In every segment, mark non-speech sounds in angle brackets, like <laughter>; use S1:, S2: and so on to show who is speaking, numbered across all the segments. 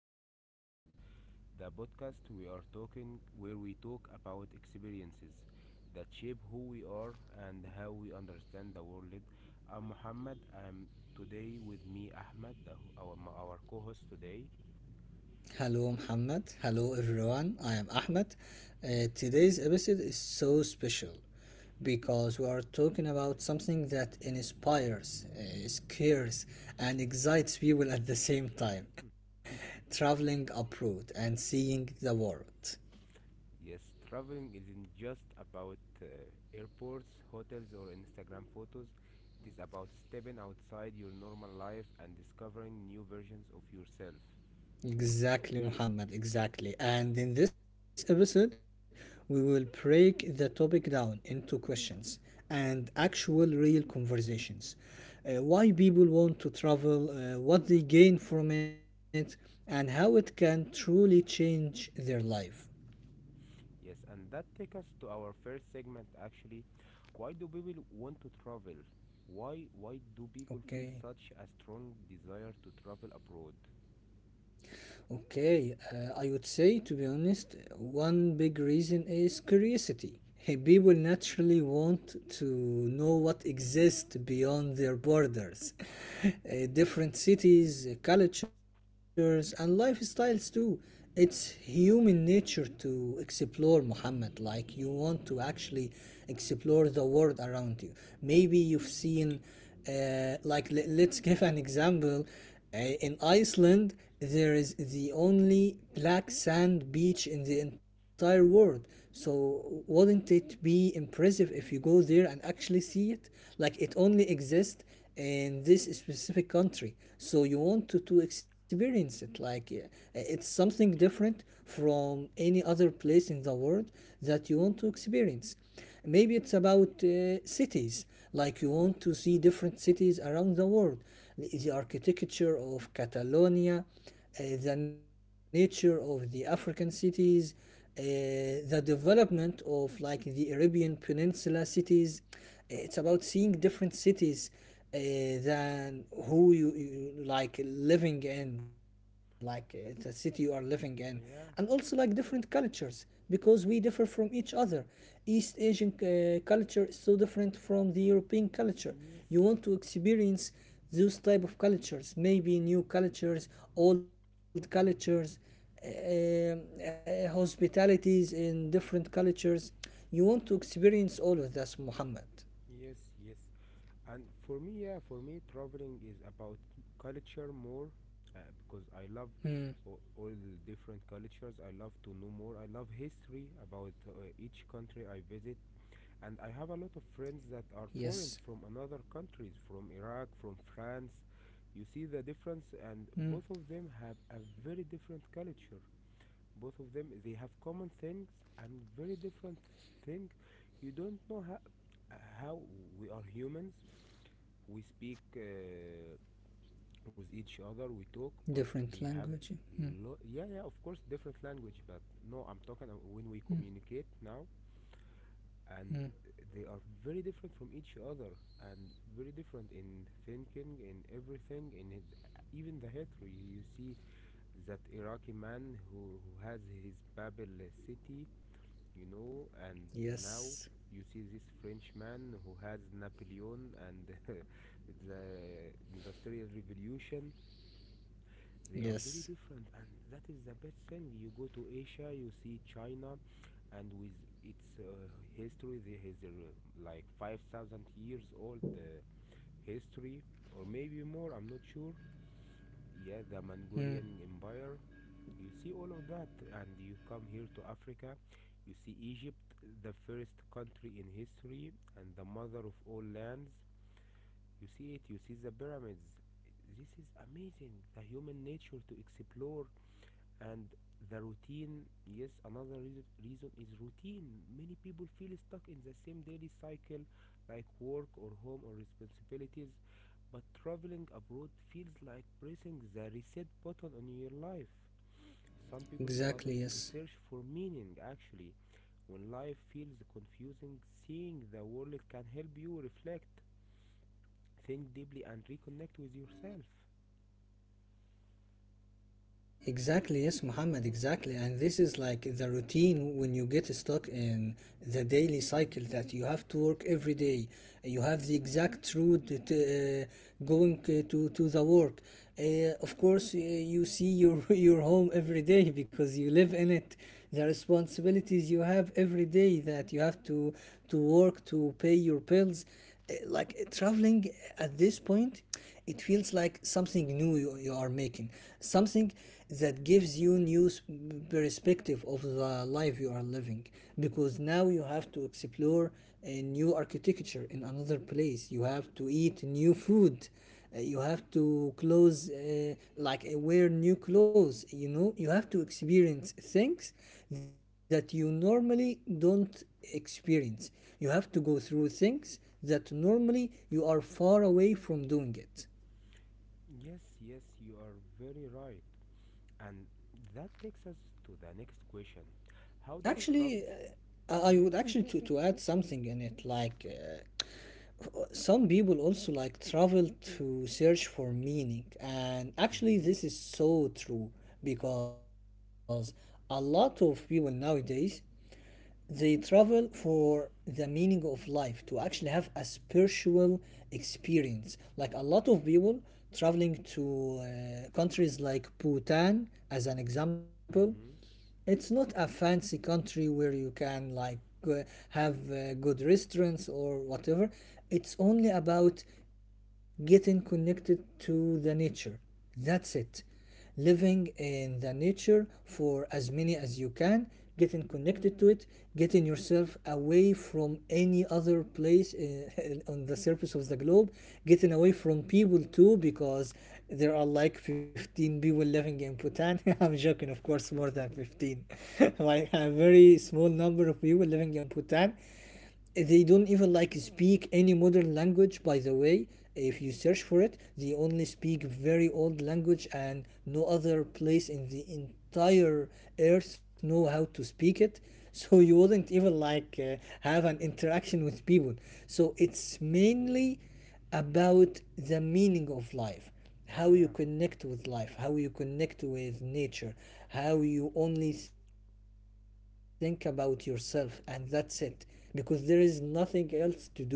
S1: Beyond Borders, the podcast we are talking where we talk about experiences that shape who we are and how we understand the world. I'm Muhammad, and today with me, Ahmed, our co host today.
S2: Hello, Muhammad. Hello, everyone. I am Ahmed. Today's episode is so special because we are talking about something that inspires, scares, and excites people at the same time, traveling abroad and seeing the world.
S1: Yes, traveling isn't just about airports, hotels, or Instagram photos. It is about stepping outside your normal life and discovering new versions of yourself.
S2: Exactly, Muhammad, exactly. And in this episode, we will break the topic down into questions and actual real conversations. Why people want to travel, what they gain from it, and how it can truly change their life.
S1: Yes, and that takes us to our first segment actually. Why do people want to travel? Why do people feel
S2: Okay.
S1: such a strong desire to travel abroad?
S2: Okay, I would say, to be honest, one big reason is curiosity. <laughs> People naturally want to know what exists beyond their borders. <laughs> Different cities, cultures, and lifestyles too. It's human nature to explore, Muhammad. Like, you want to
S1: Mhm.
S2: actually explore the world around you. Maybe you've seen let's <laughs> give an example in Iceland, there is the only black sand beach in the entire world. So, wouldn't it be impressive if you go there and actually see it? Like, it only exists in this specific country. So, you want to experience it. Like, it's something different from any other place in the world that you want to experience. Maybe it's about cities, like you want to see different cities around the world, the architecture of Catalonia, the nature of the African cities, uh, the development of like the Arabian Peninsula cities. It's about seeing different cities uh, than who you like living in, like the city you are living in,
S1: Yeah,
S2: and also like different cultures because we differ from each other. East Asian culture is so different from the European
S1: yes,
S2: culture. You want to experience those type of cultures, maybe new cultures, old cultures, hospitalities in different cultures. You want to experience all of this, Muhammad.
S1: yes, yes. And for me, traveling is about culture more because I love
S2: Mm,
S1: all different cultures. I love to know more. I love history about each country I visit. And I have a lot of friends that
S2: yes.
S1: are foreigners from another countries, from Iraq, from France. You see the difference,
S2: Mm,
S1: and both of them have a very different culture. Both of them they have common things and very different things. You don't know how we are humans. We speak with each other. We talk, but
S2: different
S1: we have
S2: language. Mm,
S1: yeah, yeah, of course, different language. But no, I'm talking when we communicate now,
S2: mm.
S1: and they are very different from each other, and very different in thinking, in everything in it. Even the history, you see that Iraqi man, who has his Babel city, and now
S2: Yes.
S1: you see this French man who has Napoleon and <laughs> the Industrial Revolution. They are very
S2: Yes.
S1: different, and that is the best thing. You go to Asia, you see China, and with its history, there is like 5,000 years old history, or maybe more, I'm not sure. Yeah, the
S2: Mm,
S1: Mongolian Empire. You see all of that, and you come here to Africa, you see Egypt, the first country in history, and the mother of all lands. You see it, you see the pyramids. This is amazing, the human nature to explore. And the routine, yes, another reason is routine. Many people feel stuck in the same daily cycle, like work or home or responsibilities, but traveling abroad feels like pressing the reset button on your life. Some people travel
S2: exactly.
S1: to
S2: Yes.
S1: search for meaning actually. When life feels confusing, seeing the world can help you reflect, think deeply, and reconnect with yourself.
S2: Exactly, yes, Muhammad,
S1: Yeah.
S2: exactly. And this is like the routine when you get stuck in the daily cycle that you have to work every day. You have the exact route to, going to the work. Of course, you see your, <laughs> your home every day because you live in it. The responsibilities you have every day that you have to work, to pay your bills, traveling at this point, it feels like something new. You are making something that gives you new perspective of the life you are living, because now you have to explore a new architecture in another place. You have to eat new food. You have to clothes, wear new clothes, you know. You have to experience things that you normally don't experience. You have to go through things that normally you are far away from doing it.
S1: Yes, yes, you are very right. And that takes us to the next question. How does travel.
S2: Actually, I
S1: Yes.
S2: would actually to add something in it. Like some people also like travel to search for meaning, and actually
S1: Mm-hmm.
S2: this is so true because a lot of people nowadays, they travel for the meaning of life, to actually have a spiritual experience. Like a lot of people traveling to countries like Bhutan, as an example.
S1: Mm-hmm.
S2: It's not a fancy country where you can like have good restaurants or whatever. It's only about getting connected to the nature. That's it, living in the nature for as many as you can, getting connected to it, getting yourself away from any other place <laughs> on the surface of the globe, getting away from people too, because there are like 15 people living in Bhutan. <laughs> I'm joking, of course, more than 15. <laughs> Like a very small number of people living in Bhutan. They don't even like speak any modern language, by the way. If you search for it, they only speak very old language, and no other place in the entire earth know how to speak it. <laughs> So you wouldn't even like have an interaction with people. So it's mainly about the meaning of life, how
S1: <laughs>
S2: you
S1: Yeah.
S2: connect with life, how you connect with nature, how you only think about yourself, and that's it, because there is nothing else to do.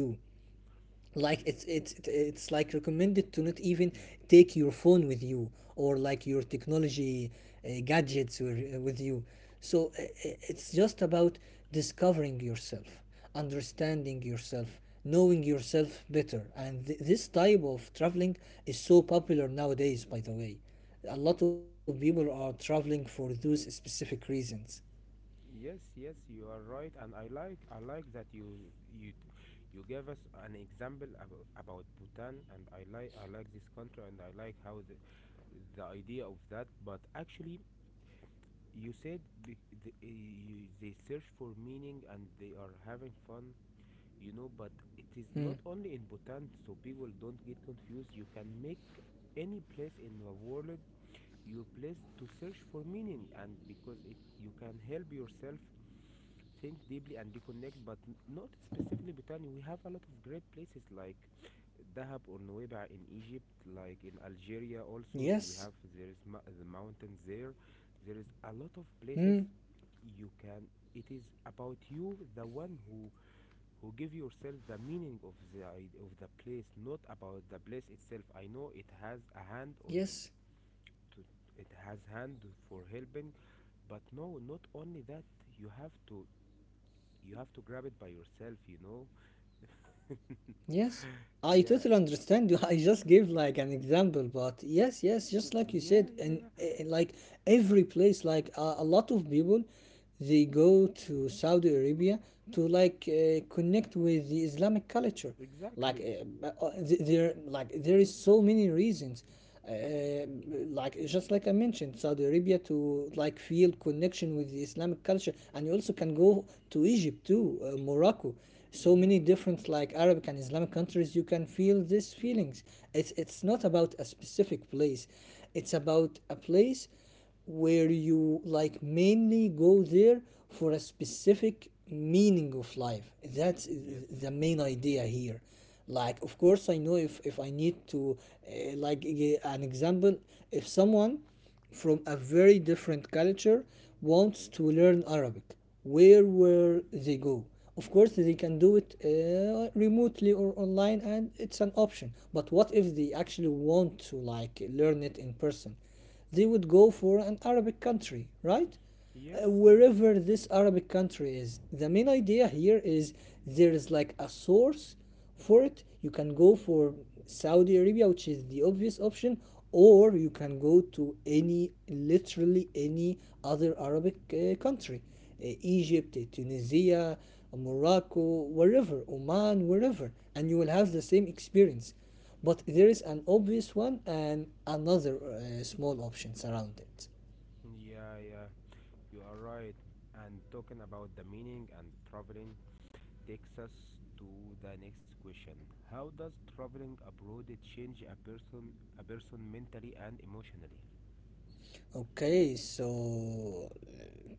S2: Like it's
S1: Ye-
S2: like recommended to not even take your phone with you, or like your technology, gadgets with you. So, it's just about discovering yourself, understanding yourself, knowing yourself better. And this type of traveling is so popular nowadays, by the way. A lot of people are traveling for those specific reasons.
S1: Yes, yes, you are right, and I like that you you gave us an example about Bhutan, and I like this country, and I like how the idea of that. But actually, you said, be, they search for meaning and they are having fun. But it is
S2: Hmm.
S1: not only in Bhutan, so people don't get confused. You can make any place in the world your place to search for meaning, and because it you can help yourself think deeply and reconnect, but not specifically Bhutan. We have a lot of great places like Dahab or Nuweiba in Egypt, like in Algeria also.
S2: Yes.
S1: Th- We have there is ma- the mountains there. There is a lot of
S2: Hmm.
S1: places you can. It is about you, the one who give yourself the meaning of the place, not about the place itself. I know it has a hand
S2: Yes.
S1: on to it has hand for helping, but no, not only that. You have to you have to grab it by yourself.
S2: Yes, I totally
S1: Yeah,
S2: understand you. <laughs> I just gave like an example, but yes, yes, just like you
S1: yeah,
S2: said.
S1: yeah,
S2: And
S1: yeah,
S2: like every place, like a lot of people, they go to Saudi Arabia to like connect with the Islamic culture. Like
S1: exactly.
S2: there like there is so many reasons, uh, like just like I mentioned Saudi Arabia to like feel connection with the Islamic culture. And you also can go to Egypt too, Morocco, so
S1: Mm-hmm.
S2: many different like Arabic and Islamic countries you can feel these feelings. It's not about a specific place, it's about a place where you like mainly go there for a specific meaning of life. That's
S1: Yes,
S2: the main idea here. Like, of course, I know, if I need to, an example, if someone from a very different culture wants to learn Arabic, where will they go? Of course they can do it remotely or online, and it's an option. But what if they actually want to like learn it in person? They would go for an Arabic country, right?
S1: yes, yes.
S2: Wherever this Arabic country is. The main idea here is there is like a source for it. You can go for Saudi Arabia, which is the obvious option, or you can go to any, literally any other Arabic country, Egypt, Tunisia, Morocco, wherever, Oman, wherever, and you will have the same experience. But there is an obvious one and another small options around it.
S1: Yeah, yeah, you are right. And talking about the meaning and traveling, takes us to the next question. How does traveling abroad change a person mentally and emotionally?
S2: Okay, so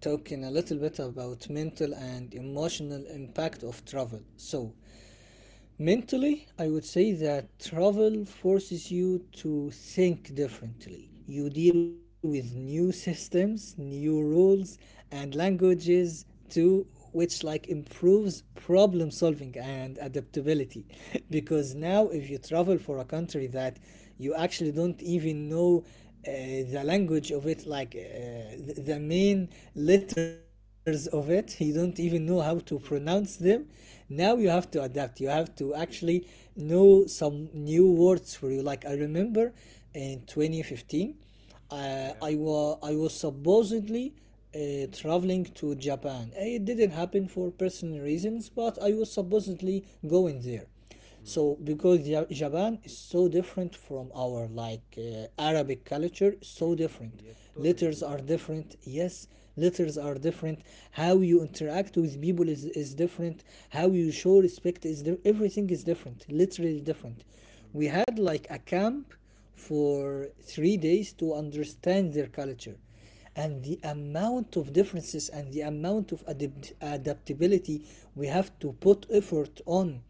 S2: talking a little bit about mental and emotional impact of travel. So mentally, I would say that travel forces you to think differently. You deal with new systems, new rules, and languages too, which like improves problem solving and adaptability. <laughs> Because now, if you travel for a country that you actually don't even know the language of it, like the main letters of it, you don't even know how to pronounce them.
S1: <laughs>
S2: Now you have to adapt. You have to actually know some new words for you. Like I remember in 2015,
S1: Yeah.
S2: I was supposedly traveling to Japan. It didn't happen for personal reasons, but I was supposedly going there.
S1: Hmm.
S2: So because Japan is so different from our like Arabic culture, so different.
S1: Yes, totally
S2: Letters are
S1: different.
S2: different, yes. Letters are different. How you interact with people is different. How you show respect everything is different, literally different. We
S1: Hmm.
S2: had like a camp for 3 days to understand their culture. And the amount of differences and the amount of adaptability we have to put effort on,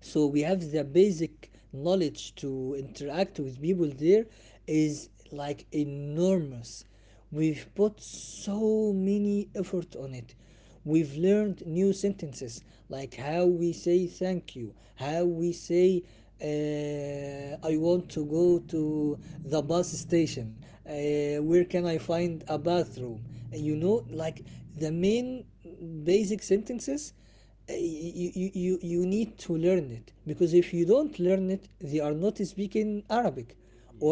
S2: so we have the basic knowledge to interact with people there, is like enormous. We've put so many effort on it. We've learned new sentences, like how we say thank you, how we say I want to go to the bus station, where can I find a bathroom, you know, like the main basic sentences. You need to learn it, because if you don't learn it, they are not speaking Arabic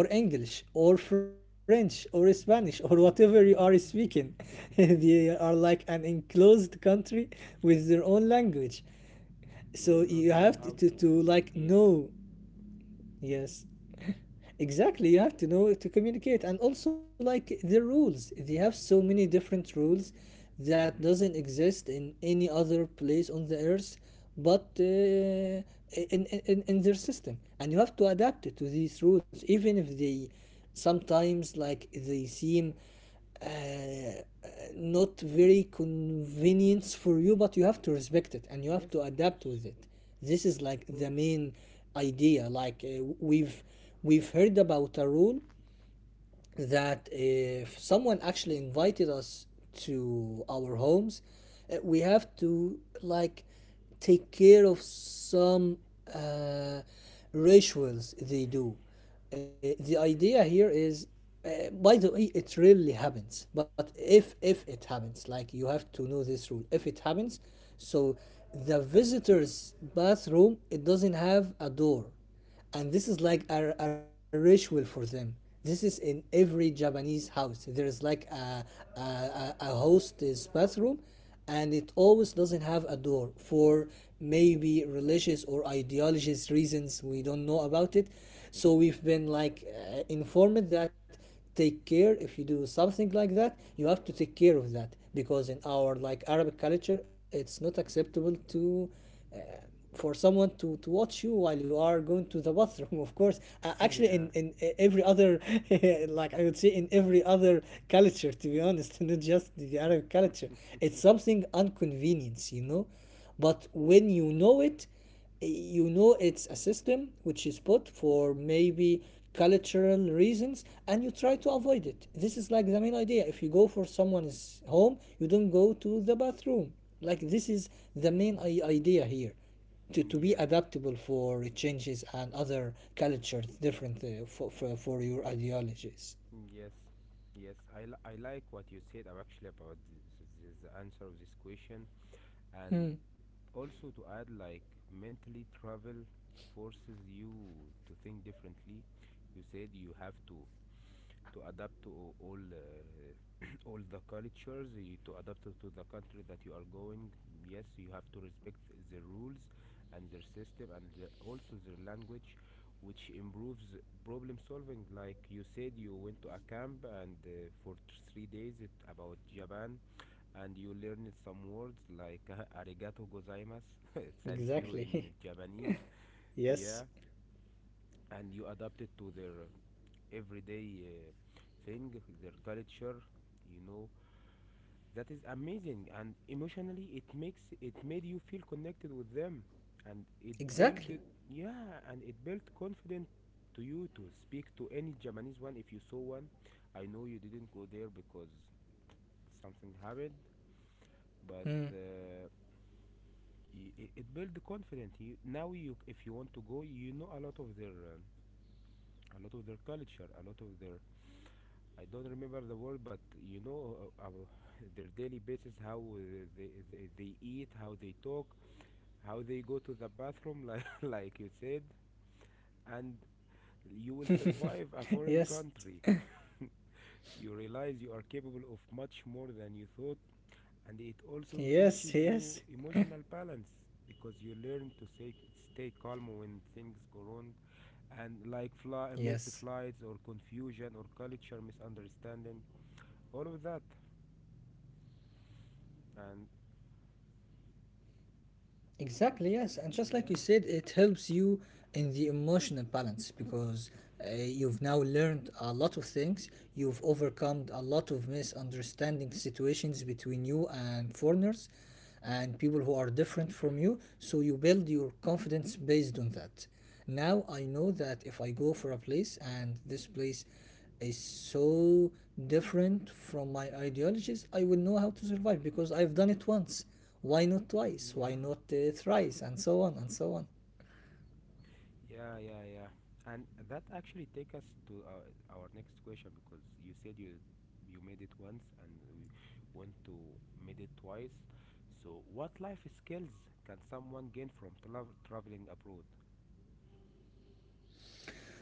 S2: or English or French or Spanish or whatever you are speaking. <laughs>
S1: <laughs>
S2: They are like an enclosed country with their own language.
S1: You
S2: So
S1: will not
S2: you have
S1: know how to
S2: to like
S1: communicate.
S2: know. Yes. Exactly, you have to know to communicate, and also like the rules. They have so many different rules that doesn't
S1: Hmm.
S2: exist in any other place on the earth but in their system. And you have to adapt to these rules, even if they sometimes like they seem uh, not very convenience for you, but you have to respect it and you have
S1: Yes,
S2: to
S1: of
S2: adapt with
S1: course.
S2: it. This is like
S1: Of
S2: the
S1: course.
S2: main idea. Like we've heard about a rule that if someone actually invited us to our homes, we have to like take care of some uh, rituals they do. The idea here is, by the way, it rarely happens. But if it happens, like you have to know this rule. If it happens, so the visitor's bathroom it doesn't have a door, and this is like a ritual for them. This is in every Japanese house. There is like a host's bathroom, and it always doesn't have a door for maybe religious or ideologies reasons we don't know about it. So we've been like informed that take care. If you do something like that, you have to take care of that, because in our like Arab culture it's not acceptable to, for someone to watch you while you are going to the bathroom. <laughs> Of course, actually in,
S1: <laughs> Yeah.
S2: in every other <laughs> like I would say in every other culture, to be honest, <laughs> not just the Arab culture. It's something inconvenience, you know.
S1: <laughs>
S2: But when you know it, you know it's a system which is put for maybe cultural reasons, and you try to avoid it. This is like the main idea. If you go for someone's home, you don't go to the bathroom. Like this is the main idea here, to be
S1: Yeah.
S2: adaptable for changes and other cultures different, for your ideologies.
S1: Yes. Yes. I like what you said actually about the answer of this question. And also to add, like, mentally travel forces you to think differently. You said you have to adapt to <clears throat> all the cultures, to adapt to the country that you are going. Yes, you have to respect the rules and their system, and also their language, which improves problem solving. Like you said, you went to a camp and for three days, about Japan, and you learned some words like <laughs> arigato gozaimasu <laughs> thank you in
S2: Exactly.
S1: Japanese.
S2: <laughs>
S1: Yeah.
S2: Yes,
S1: And you adapted to their everyday thing, their culture, you know. That is amazing, and emotionally, it made you feel connected with them, and
S2: exactly.
S1: yeah, and it built confidence to you to speak to any Japanese one if you saw one. I know you didn't go there because something happened, but
S2: Hmm.
S1: it built the confidence. Now you, if you want to go, you know a lot of their, culture, a lot of their I don't remember the word, but you know, uh, uh, <laughs> their daily basis, how they eat, how they talk, how they go to the bathroom, like <laughs> like you said, and
S2: <laughs> Yes,
S1: you will survive a foreign country. You realize you are capable of
S2: yes.
S1: much
S2: Yes,
S1: more than you thought, and it also teaches you emotional balance because you learn to stay calm
S2: yes.
S1: when things go wrong, and like missed flights or confusion or culture misunderstanding, all of that, and
S2: Exactly, yes. And just like you said, it helps you in the emotional
S1: yeah,
S2: balance because you've now learned a lot of things. You've overcome a lot of misunderstanding situations between you and foreigners and people who are different from you. So you build your confidence based on that. Now I know that if I go for a place and this place is so different from my ideologies, I will know how to survive because I've done it once. Why not twice? Why not
S1: yeah,
S2: thrice? And so on, and so on.
S1: yeah, yeah, yeah. And that actually take us to our next question, because you said you made it once and we want to made it twice. So, what life skills can someone gain from traveling abroad?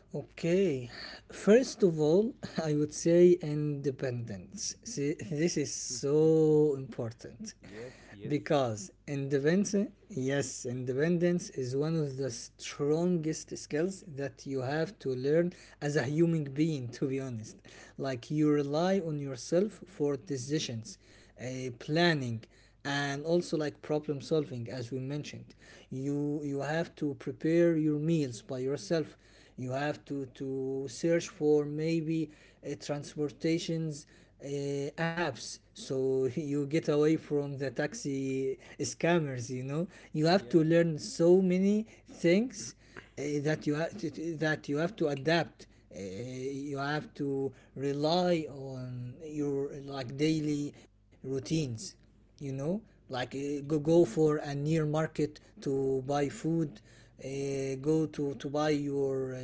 S2: Okay, first of all, <laughs> I would say independence. See, this is
S1: <laughs>
S2: so important
S1: Yes, yes,
S2: because independence, yes, independence is one of the strongest skills that you have to learn as a human being, to be honest. Like you rely on yourself for decisions, planning, and also like problem solving, as we mentioned. You have to prepare your meals by yourself. You have to search for maybe transportations, apps, so <laughs> you get away from the taxi scammers, you know. You have to
S1: yeah.
S2: learn so many things that you have to, that you have to adapt. You have to rely on your like daily routines, you know, like go
S1: Hmm.
S2: go for a near market to buy food, uh, go to buy your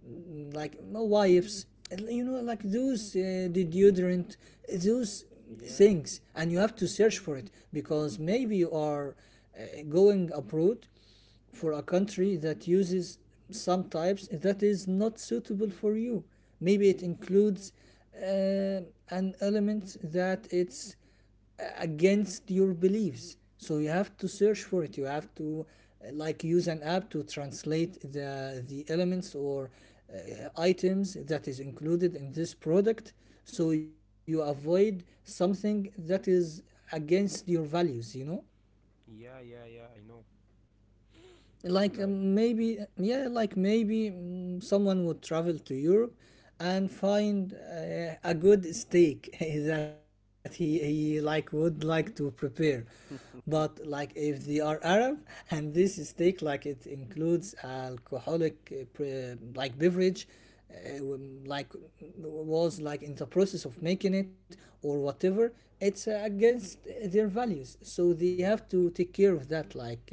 S2: like no wipes, you know, like those deodorant, those
S1: Yeah.
S2: things. And you have to search for it because maybe you are uh, going abroad for a country that uses some types that is not suitable for you. Maybe it
S1: Yes.
S2: includes uh, an element that it's against your beliefs, so you have to search for it. You have to like use an app to translate the elements or uh, items that is included in this product, so you avoid something that is against your values, you know.
S1: Yeah, yeah, yeah. I know.
S2: Like
S1: Like,
S2: maybe, yeah, like maybe, someone would travel to Europe and find a good steak <laughs> that he like would like to prepare. But like if they are Arab and this steak like it includes alcoholic like beverage like was like in the process of making it or whatever, it's against their values, so they have
S1: mhm.
S2: to take care of that. Like uh,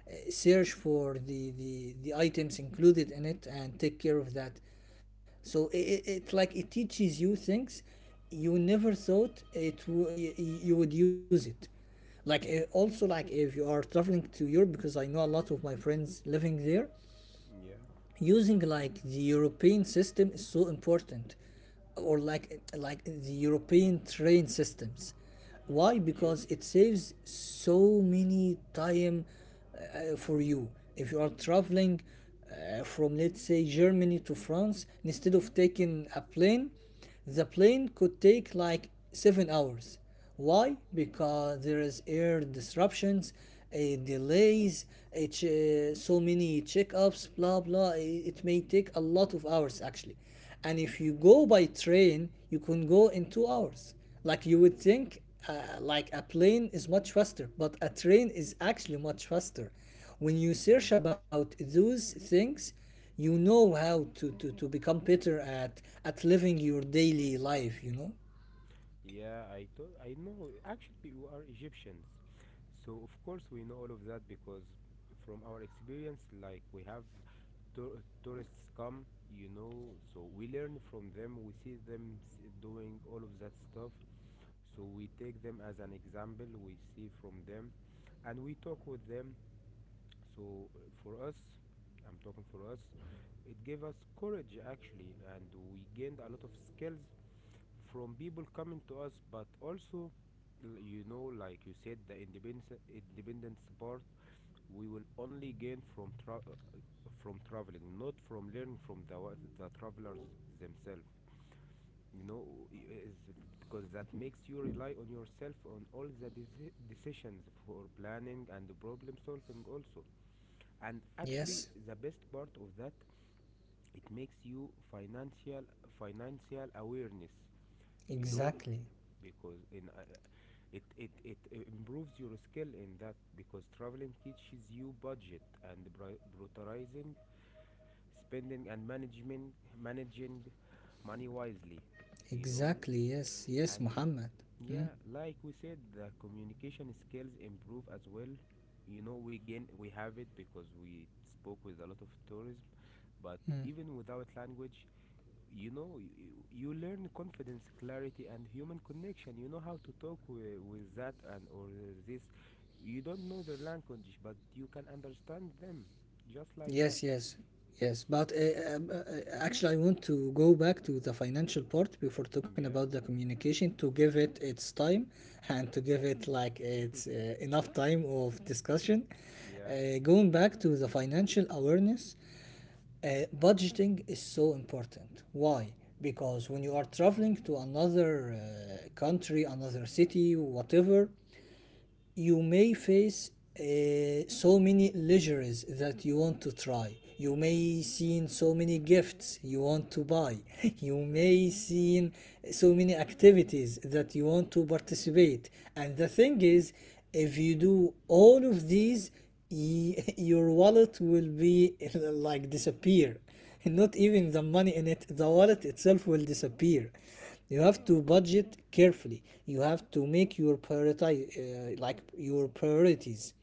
S2: uh, search for the items included in it and take care of that. So it like it teaches you things you never thought it w- y- y- you would use it. Like also like if you are traveling to Europe, because I know a lot of my friends living there,
S1: Yeah.
S2: using like the European system is so important, or like the European train systems. Why? Because
S1: Yes.
S2: it saves so many time for you. If you are traveling from, let's say, Germany to France, instead of taking a plane, the plane could take like 7 hours. Why? Because there is air disruptions, a delays, so many checkups, blah blah. It may take a lot of hours actually. And if you go by train, you can go in 2 hours. Like you would think, like a plane is much faster, but a train is actually much faster. When you search
S1: Mhm.
S2: about those things, you know how to become better at living your daily life, you know.
S1: Yeah, I thought I know. Actually, you are Egyptians, so of course we know all of that because from our experience, like we have tourists come, so we learn from them, we see them doing all of that stuff, so we take them as an example, we see from them, and we talk with them. So for us, I'm talking for us, it gave us courage actually, and we gained a lot of skills from people coming to us. But also, like you said, the independence part we will only gain from from traveling, not from learning from the travelers themselves you know is because that makes you rely on yourself on all the decisions, for planning and problem solving also. And actually
S2: Yes,
S1: the best part of that, it makes you financial awareness you know
S2: exactly.
S1: because in it, it it improves your skill in that, because traveling teaches you budget and prioritizing spending and management managing money wisely you know
S2: Exactly. Yes, yes,
S1: and
S2: Muhammad.
S1: yeah,
S2: Hmm.
S1: like we said, the communication skills improve as well. We have it because we spoke with a lot of tourism, but
S2: Hmm.
S1: even without language, you know you, you learn confidence, clarity, and human connection. You know how to talk with that, and or this you don't know their language, but you can understand them, just like that.
S2: Yes, yes. Yes, but actually I want to go back to the financial part before talking
S1: Yeah,
S2: about the communication, to give it its time and to give it like it's enough time of discussion.
S1: yeah.
S2: Going back to the financial awareness, budgeting is so important. Why? Because when you are traveling to another country, another city, whatever, you may face uh, so many luxuries that you want to try. You may see so many gifts you want to buy. <laughs> You
S1: Yes.
S2: may see so many activities that you want to participate. And the thing is, if you do all of these, y- <laughs> your wallet will be <laughs> like disappear. <laughs> Not even the money in it, the wallet itself will disappear. You have to budget carefully. You have to make your prioritize, like, your priorities.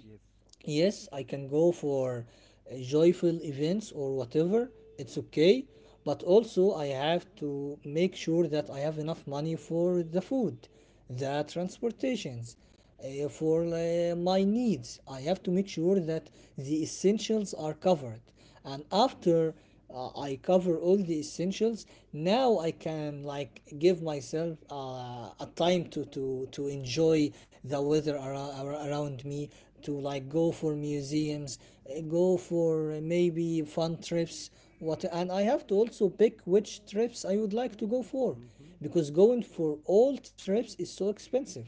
S1: Mm. Yes,
S2: Yes, I can go for joyful events or whatever, it's okay, but also I have to make sure that I have enough money for the food, the transportations, for my needs. I have to make sure that the essentials are covered, and
S1: yes.
S2: after I cover all the essentials, now I can like give myself a time to to enjoy the weather around, around me, to like go for museums, go for maybe fun trips. What, and I have to also pick which trips I would like to go for,
S1: Mm-hmm.
S2: because going for all trips is so expensive.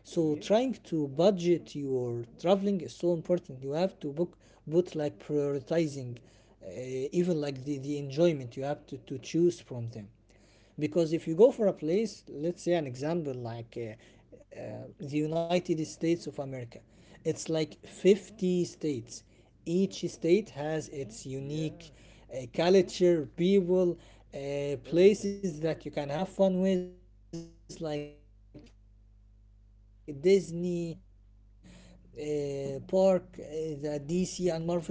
S2: So trying
S1: Yes.
S2: to budget your traveling is so important. You have to book both, like, prioritizing uh, even like the enjoyment. You have to choose from them, because if you go for a place, let's say, an example, like the United States of America, it's like 50 states. Each state has its
S1: Yeah.
S2: unique culture, people,
S1: Everything.
S2: places that you can have fun with, like Disney park, the DC and Marvel park, like a lot of places that you go can go.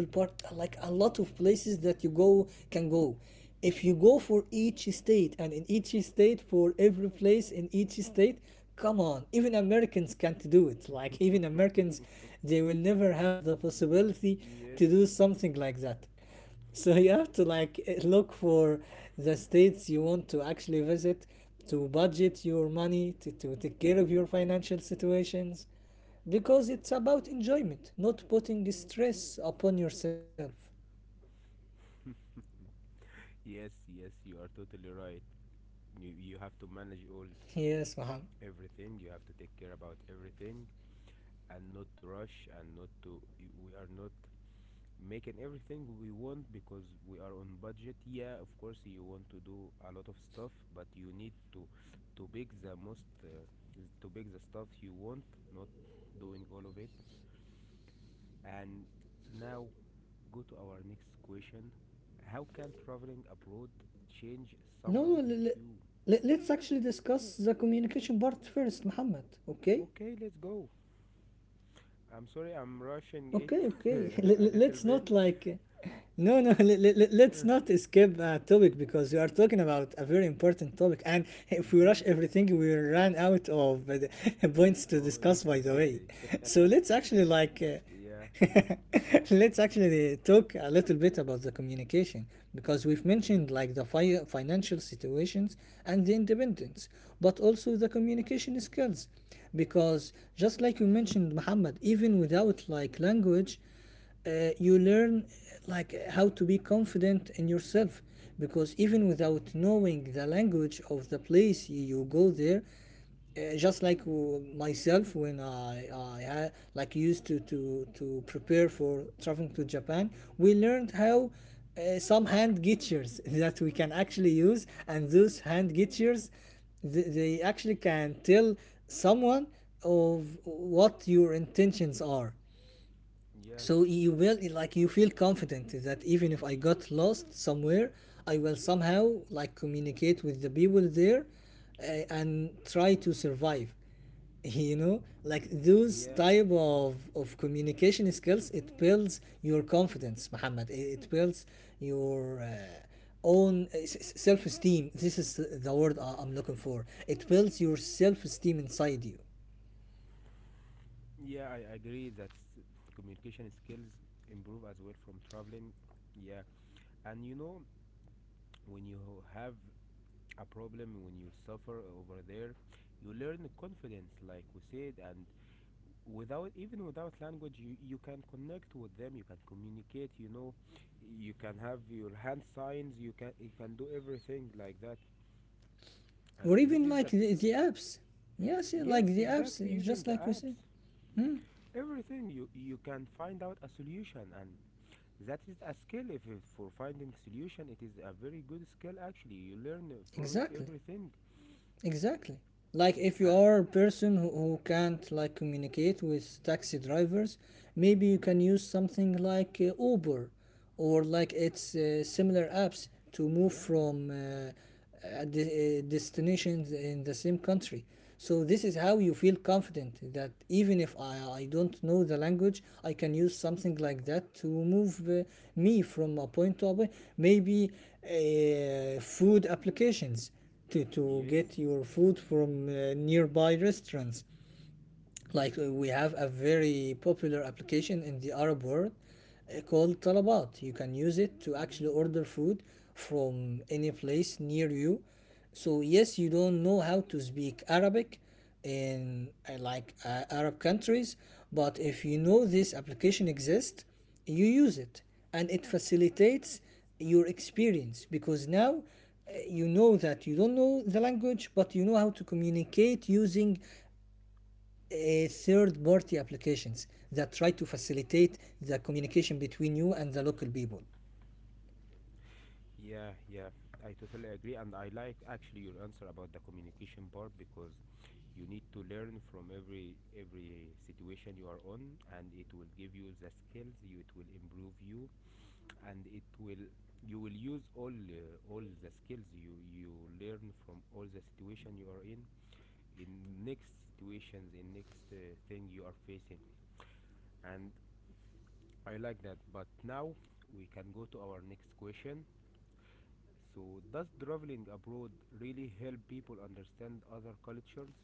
S2: If you go for each state, and in each state for every place in each state, come on, even Americans can't do it. Like even Americans, they will never have the
S1: <laughs>
S2: possibility to do something like that. So you have to
S1: Yes.
S2: like look for the states you want to actually visit, to budget your money, to take care of your financial situations, because it's about enjoyment, not putting stress upon yourself.
S1: Yes, yes, you are totally
S2: Yes,
S1: right.
S2: Muhammad.
S1: You have to manage all everything. You have to take care about everything and not to rush and not to. We are not making everything we want because we are on budget. Yeah, of course you want to do a lot of stuff, but you need to pick the most uh, to pick the stuff you want, not doing all of it. And now go to our next question. How can
S2: No,
S1: traveling
S2: no,
S1: abroad change
S2: let's actually
S1: someone's
S2: discuss the
S1: view?
S2: communication part first, Muhammad, okay?
S1: Okay, let's go. I'm
S2: Okay,
S1: sorry, I'm
S2: okay. <laughs>
S1: rushing it
S2: Let's not like.
S1: <laughs> a little bit.
S2: No, no, <laughs> let's not skip a
S1: Uh,
S2: topic because we are talking about a very important topic. And if we rush everything, we
S1: Mm-hmm.
S2: run out of the <laughs> points to discuss, by
S1: Oh,
S2: the way.
S1: yeah.
S2: <laughs> So let's
S1: <laughs>
S2: actually like
S1: Yeah.
S2: <laughs> let's actually talk a little bit about the communication, because we've mentioned
S1: Mm-hmm.
S2: like the financial situations and the independence, but also the communication skills. Because just like you mentioned, Muhammad, even without like language, you learn like how to be confident in yourself, because even without knowing the language of the place you go there, just like myself, when I like used to prepare for traveling to Japan, we learned how some hand gestures <laughs> that we can actually use, and those hand gestures they actually can tell someone of what your intentions are.
S1: Yeah.
S2: So you will like you feel confident that even if I got lost somewhere, I will somehow like communicate with the people there and try to survive, you know. Like those
S1: Yeah.
S2: type of communication skills, it builds your confidence, Muhammad. It builds your own self-esteem. This is the word I'm looking for. It builds your self-esteem inside you.
S1: Yeah, I agree that communication skills improve as well from traveling. Yeah, and when you have a problem, when you suffer over there, you learn confidence like we said. And without even without language, you can connect with them, you can communicate. You can have your hand signs, you can do everything like that.
S2: Or
S1: And
S2: even
S1: this is
S2: like
S1: the best.
S2: the apps. Yes, yeah, like the
S1: Yes,
S2: apps,
S1: exactly, using
S2: just
S1: the
S2: like we say.
S1: apps. Everything, you can find out a solution. And that is a skill. If it, for finding solution it is a very good skill actually, you learn from it
S2: Exactly.
S1: everything.
S2: Exactly. Like if you
S1: Uh,
S2: are a person who can't like communicate with taxi drivers, maybe you
S1: mhm.
S2: can use something like Uber or like its similar apps to move
S1: Yeah.
S2: from destinations in the same country. So this is how you feel confident that even if I don't know the language, I can use something like that to move me from a point to a point. Maybe food applications to get
S1: Yes.
S2: your food from nearby restaurants. Like we have a very popular application in the Arab world called Talabat. You can use it to actually
S1: Yeah.
S2: order food from any place near you. So yes, you don't know how to speak Arabic in Arab countries, but if you know this application exists, you use it and it facilitates your experience because now you know that you don't know the language but you know how to communicate using uh, third party applications that try to facilitate the communication between you and the local people.
S1: Yeah, yeah, I totally agree, and I like actually your answer about the communication part because you need to learn from every situation you are on, and it will give you the skills. It will improve you, and it will you will use all the skills you learn from all the situation you are in in next situations in next thing you are facing. And I like that, but now we can go to our next question. So does traveling abroad really help people understand other cultures?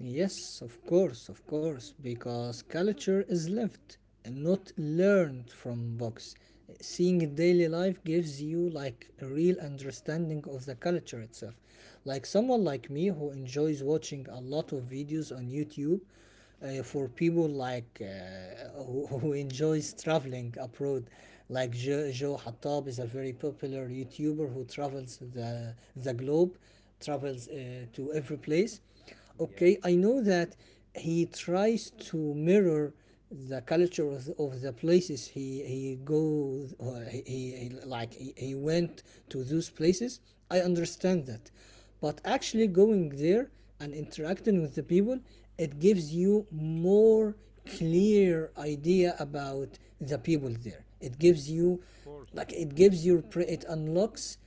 S2: Yes, of course, because culture is lived and not learned from books. Seeing daily life gives you like a real understanding of the culture itself. Like someone like me who enjoys watching a lot of videos on YouTube,
S1: Mm-hmm.
S2: for people who, <laughs> who enjoys traveling abroad like Joe Hattab is a very popular YouTuber who travels the globe, travels to every place.
S1: Yeah,
S2: Okay, I know that he tries to mirror the culture of of the places he go or he- like he went to those places. I understand that, but actually going there and interacting with the people, it gives you more clear idea about the people there. It gives you
S1: of course.
S2: like it gives your it unlocks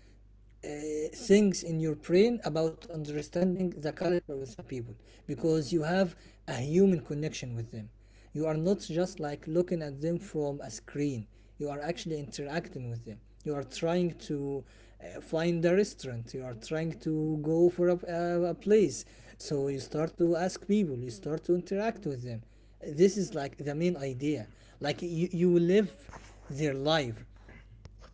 S2: things in your brain about understanding the culture with the people because you have a human connection with them. You are not just like looking at them from a screen, you are actually interacting with them. You are trying to find a restaurant, you are trying to go for a place. So you start to ask people, you start to interact with them. This is like the main idea. Like you live their life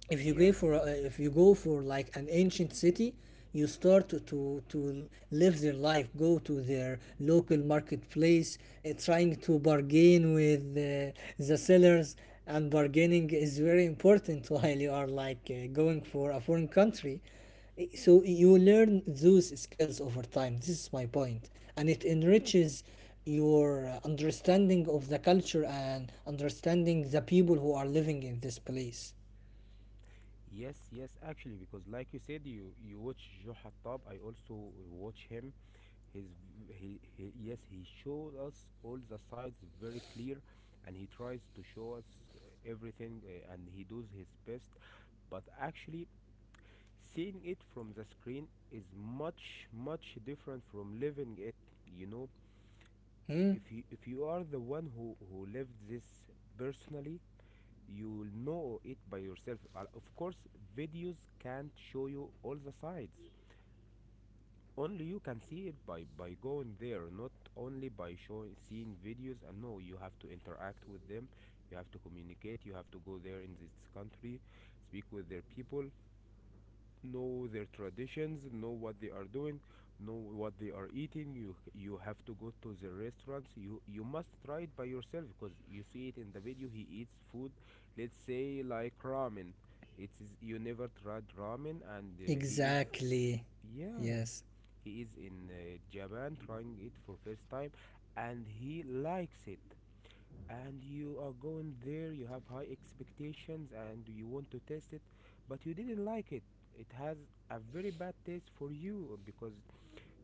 S2: if you go
S1: Yes.
S2: for if you go for like an ancient city. You start to live their life, go to their local marketplace, trying to bargain with the sellers. And bargaining is very important <laughs> while you are going for a foreign country. So you learn those skills over time. This is my point, and it enriches your understanding of the culture and understanding the people who are living in this place.
S1: Yes, yes, actually, because like you said, you watch Joe Hattab. I also watch him. His He showed us all the sides very clear, and he tries to show us everything, and he does his best. But actually, seeing it from the screen is much different from living it. You know,
S2: Hmm?
S1: if you are the one who lived this personally, you will know it by yourself. Of course videos can't show you all the sides. Only you can see it by going there, not only by showing seeing videos. And no, you have to interact with them. You have to communicate. You have to go there in this country, speak with their people, know their traditions, know what they are doing, know what they are eating. You have to go to the restaurants. You must try it by yourself, because you see it in the video. He eats food, let's say like ramen. It is, you never tried ramen, and he is.
S2: Exactly.
S1: Yeah.
S2: Yes.
S1: He is in Japan trying it for first time, and he likes it. And you are going there, you have high expectations and you want to test it, but you didn't like it. It has a very bad taste for you, because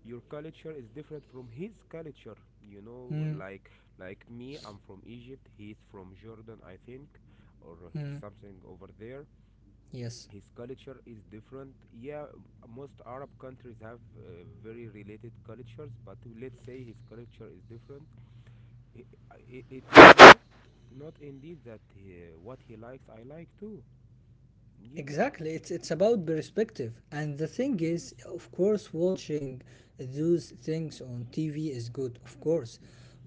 S1: your culture is different from his culture. You know,
S2: Mm,
S1: like me, I'm from Egypt, he's from Jordan, I think, or
S2: mm,
S1: something over there.
S2: yes.
S1: His culture is different, yeah. Most Arab countries have very related cultures, but let's say his culture is different. I I it is not indeed that what he likes I like too. Yeah,
S2: Exactly. It's about perspective. And the thing is,
S1: yes.
S2: of course, watching those things on TV is good, of course.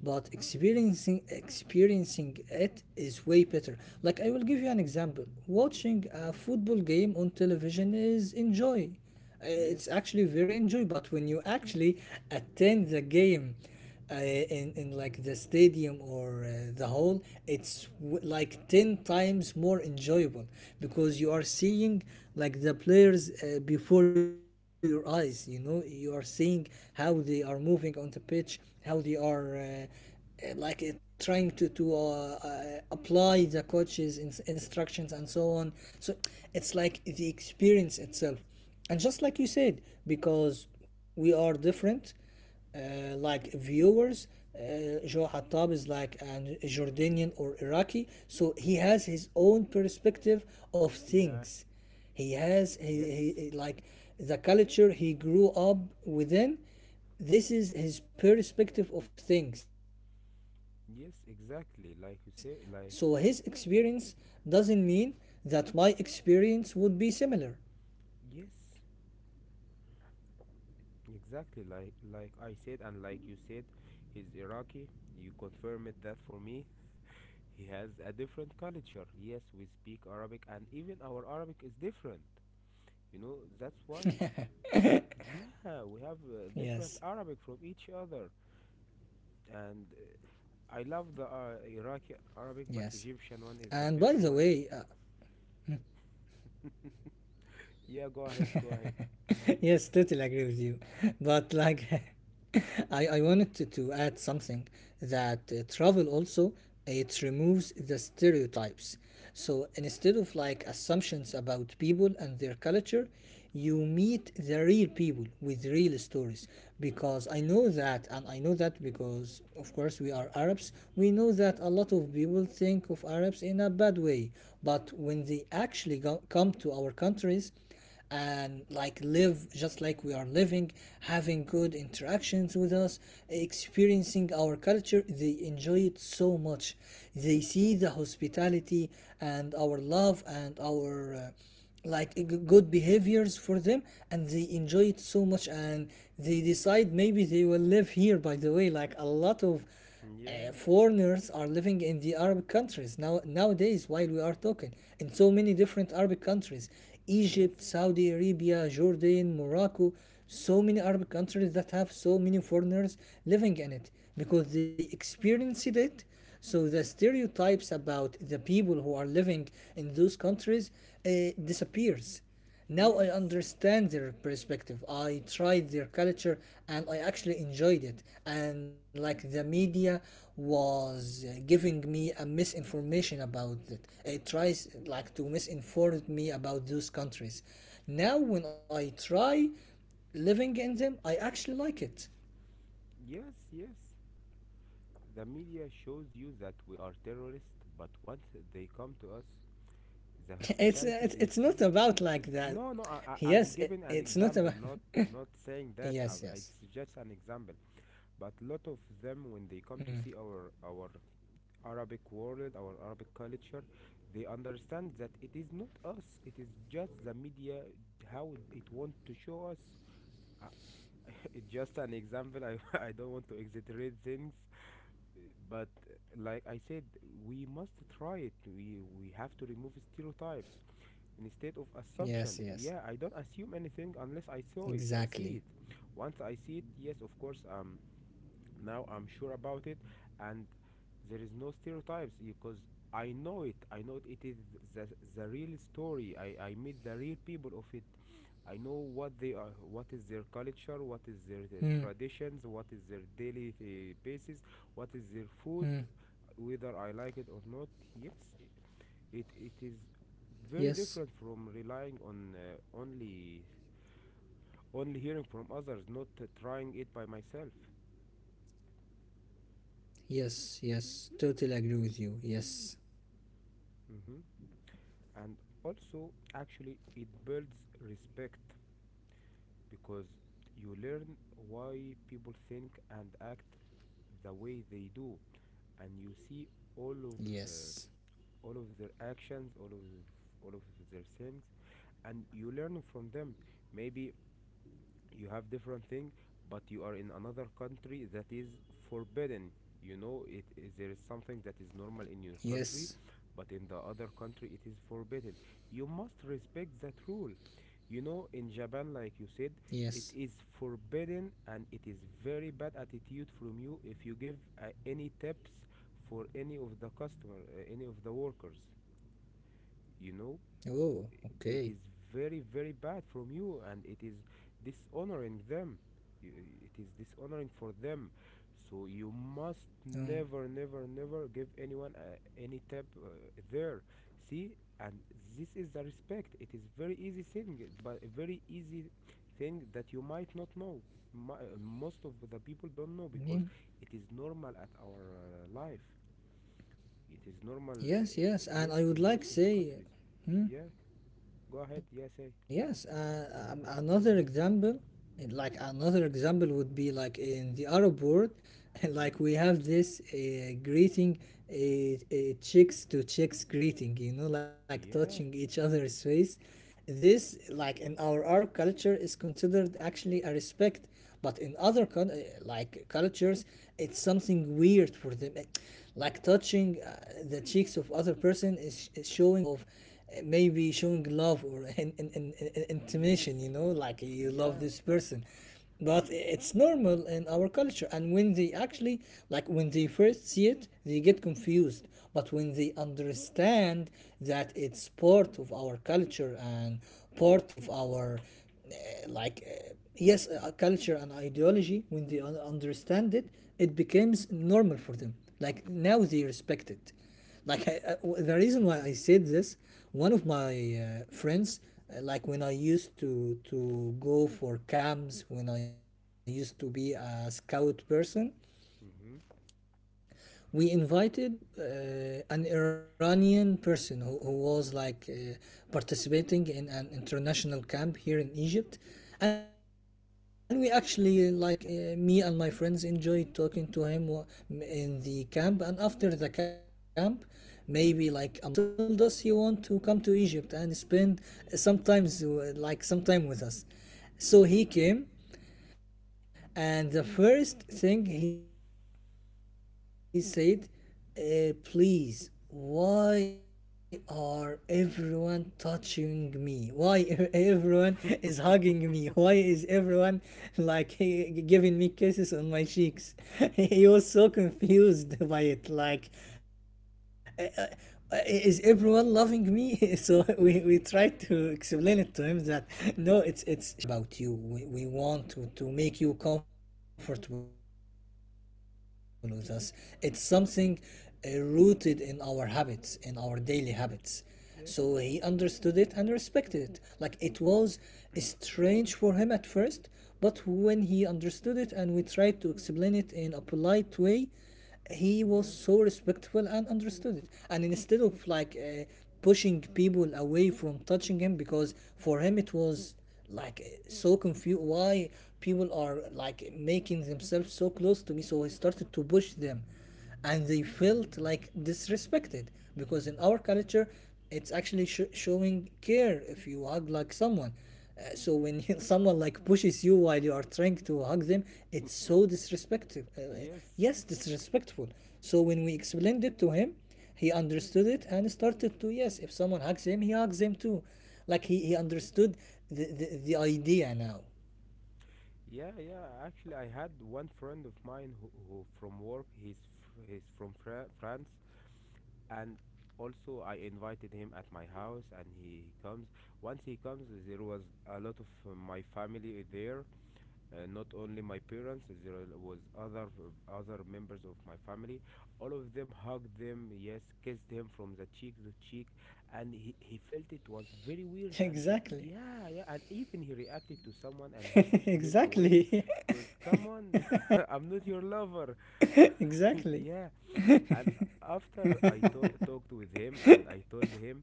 S2: But experiencing it is way better. Like I will give you an example. Watching
S1: Yeah.
S2: a football game on television is enjoy. Uh,
S1: Yes.
S2: It's actually very enjoyable, but when you actually attend the game in like the stadium or the hall, like 10 times more enjoyable because you are seeing like the players before your eyes, you know, you are seeing how they are moving on the pitch, how they are. Trying to apply the coach's instructions and so on. So it's like the experience itself, and just like you said, because we are different like viewers. Joe Hattab is like an Jordanian or Iraqi, so he has his own perspective
S1: Yeah.
S2: of things. he
S1: Yes.
S2: has he, he he- like the culture he grew up within. This is his perspective
S1: Yes,
S2: of things.
S1: exactly. Like you
S2: So
S1: say,
S2: his
S1: like
S2: experience doesn't mean that my experience would be similar.
S1: yes, exactly. Like I said, and like you said, he's Iraqi. You confirmed that for me. He has a different culture. Yes, we speak Arabic, and even our Arabic is different. You know,
S2: Yes,
S1: that's why. Yeah, we have different
S2: yes,
S1: Arabic from each other, and I love the Iraqi Arabic,
S2: yes.
S1: but Egyptian one is
S2: And
S1: the
S2: by the
S1: better one.
S2: way,
S1: <laughs> Yeah, go ahead, go ahead.
S2: <laughs> yes, totally agree with you. <laughs> But like, <laughs> I wanted to add something that travel also it removes the stereotypes. So instead of like assumptions about people and their culture, you meet the real people with real stories, because I know that, and I know that because of course we are Arabs, we know that a lot of people think of Arabs in a bad way. But when they actually come to our countries and like live just like we are living, having good interactions with us, experiencing our culture, they enjoy it so much. They see the hospitality and our love and our good behaviors for them, and they enjoy it so much, and they decide maybe they will live here. By the way, like a lot of
S1: Yeah.
S2: foreigners are living in the Arab countries now, nowadays, while we are talking, in so many different Arabic countries: Egypt,
S1: Yes.
S2: Saudi Arabia, Jordan, Morocco, so many Arab countries that have so many foreigners living in it because they experienced it. So the stereotypes about the people who are living in those countries uh, disappears. Now I
S1: Yes.
S2: understand their perspective. I tried their culture and I actually enjoyed it. And like the media was giving me a misinformation about it. It tries like to misinform me about those countries. Now when I try living in them, I actually like it.
S1: Yes, yes. The media shows you that we are terrorists, but once they come to us, the
S2: <laughs>
S1: hospitality they
S2: It's not
S1: see.
S2: about like that.
S1: No, no. I'm
S2: Yes,
S1: giving an
S2: it's not
S1: example,
S2: about.
S1: not
S2: <laughs>
S1: not saying that.
S2: Yes,
S1: I, it's
S2: yes,
S1: just an example. But lot of them, when they come to see our Arabic world, our Arabic culture, they understand that it is not us, it is just the media, how it wants to show us. Uh, <laughs> it's just an example, I, <laughs> I don't want to exaggerate things, but
S2: yes,
S1: like I
S2: yes.
S1: said, we must try it. We have to remove stereotypes instead of assumption. Yeah, I don't
S2: Exactly.
S1: assume anything unless I saw it, I see it. Once I see it, yes, of course, now I'm sure about it, and there is no stereotypes because I know it, it is the, the real story. I meet the real people of it. I know what they are, what is
S2: Hmm.
S1: their culture, what is their, traditions, what is their daily basis,
S2: Hmm.
S1: what is their food, whether I like it or not. Yes, it is
S2: Yes.
S1: very different from relying on only hearing from others, not trying it by myself.
S2: Yes, yes, totally agree with you. Yes,
S1: Hmm. And also actually it builds respect, because you learn why people think and act the way they do. And you see all of uh,
S2: yes,
S1: all of their actions, all of all of their things, and you learn from them. Maybe you have different thing, but you are in another country that is forbidden. You know, it is, there is something that is normal in your
S2: yes,
S1: country, but in the other country it is forbidden. You must respect that rule. You know, in Japan, like you said,
S2: yes.
S1: it is forbidden, and it is very bad attitude from you if you give any tips for any of the customer, any of the workers, you know.
S2: Oh,
S1: It
S2: okay.
S1: is very very bad from you, and it is dishonoring them. You- it is dishonoring for them. So you must
S2: Um,
S1: never never never give anyone any tip, there, see. And this is the respect. It is very easy thing, but a very easy thing that you might not know. Most of the people don't know,
S2: yeah.
S1: because it is normal at our life. It is normal,
S2: Yes, yes, and
S1: yes,
S2: I
S1: in
S2: would like
S1: most of the
S2: say,
S1: countries.
S2: hmm,
S1: Yeah. Go ahead, yeah, say.
S2: yes, another example, like another example would be like in the Arab world, <laughs>
S1: Hmm.
S2: like we have this greeting, a chicks to chicks greeting, you know, like
S1: Yeah,
S2: touching each other's face. This, like in our Arab culture, is considered actually a respect, but in other cultures, it's something weird for them. It- like touching the cheeks of other person is showing of maybe showing love or intimation,
S1: yes,
S2: you know, like you love
S1: yeah.
S2: this person. But it's normal in our culture. And when they actually, like when they first see it, they get confused. But when they understand that it's part of our culture and part of our, yes, culture and ideology, when they understand it, it becomes normal for them. Like now they respect it. The reason why I said this,
S1: <laughs>
S2: one of my friends, like when I used to go for camps, when I used to be a scout person,
S1: Hmm.
S2: we invited an Iranian person who was like participating in an international camp here in Egypt. And we actually, me and my friends, enjoyed talking to him in the camp. And after the camp, maybe like a month after the camp finished and he went back to his country, he told us he want to come to Egypt and spend sometimes some time with us. So he came, and the first thing he said, please, why are everyone touching me? Why <laughs> e- everyone is
S1: <laughs>
S2: hugging me? Why is everyone like <laughs> giving me kisses on my cheeks? <laughs> He was so confused <laughs> by it. Like, uh, is everyone loving me? <laughs> So we tried to explain it to him that no, it's showing of respect, showing like. We care about you. We want to make you comfortable with us. It's something rooted in our habits, in
S1: Yes.
S2: our daily habits. So he understood it and respected it. Like it was strange for him at first, but when he understood it and we tried to explain it in a polite way,
S1: Yeah.
S2: he was so respectful and understood it, and instead of pushing people away from touching him, because for him it was so confused why people are like making themselves so close to me, so he started to push them and they
S1: Mhm.
S2: felt like disrespected, because in our culture it's actually showing care if you hug like someone. So when <laughs> someone like pushes you while you are trying to hug them, it's so disrespectful
S1: Yes.
S2: yes, disrespectful. So when we explained it to him, he understood it and started to, yes, if someone hugs him he hugs him too. Like he understood the idea now.
S1: Yeah, yeah. Actually, I had one friend of mine who from work. He's from France, and also I invited him at my house, and he comes. Once he comes, there was a lot of my family there, not only my parents. There was other members of my family. All of them hugged them, yes, kissed him from the cheek to cheek, and he felt it was very
S2: <laughs>
S1: weird. And it,
S2: Exactly.
S1: yeah, yeah, and even he reacted to someone, and he
S2: <laughs>
S1: pushed him away,
S2: Exactly.
S1: cause come on, <laughs> I'm not your lover.
S2: <laughs> Exactly.
S1: <laughs> Yeah, and after I talked with him and I told him,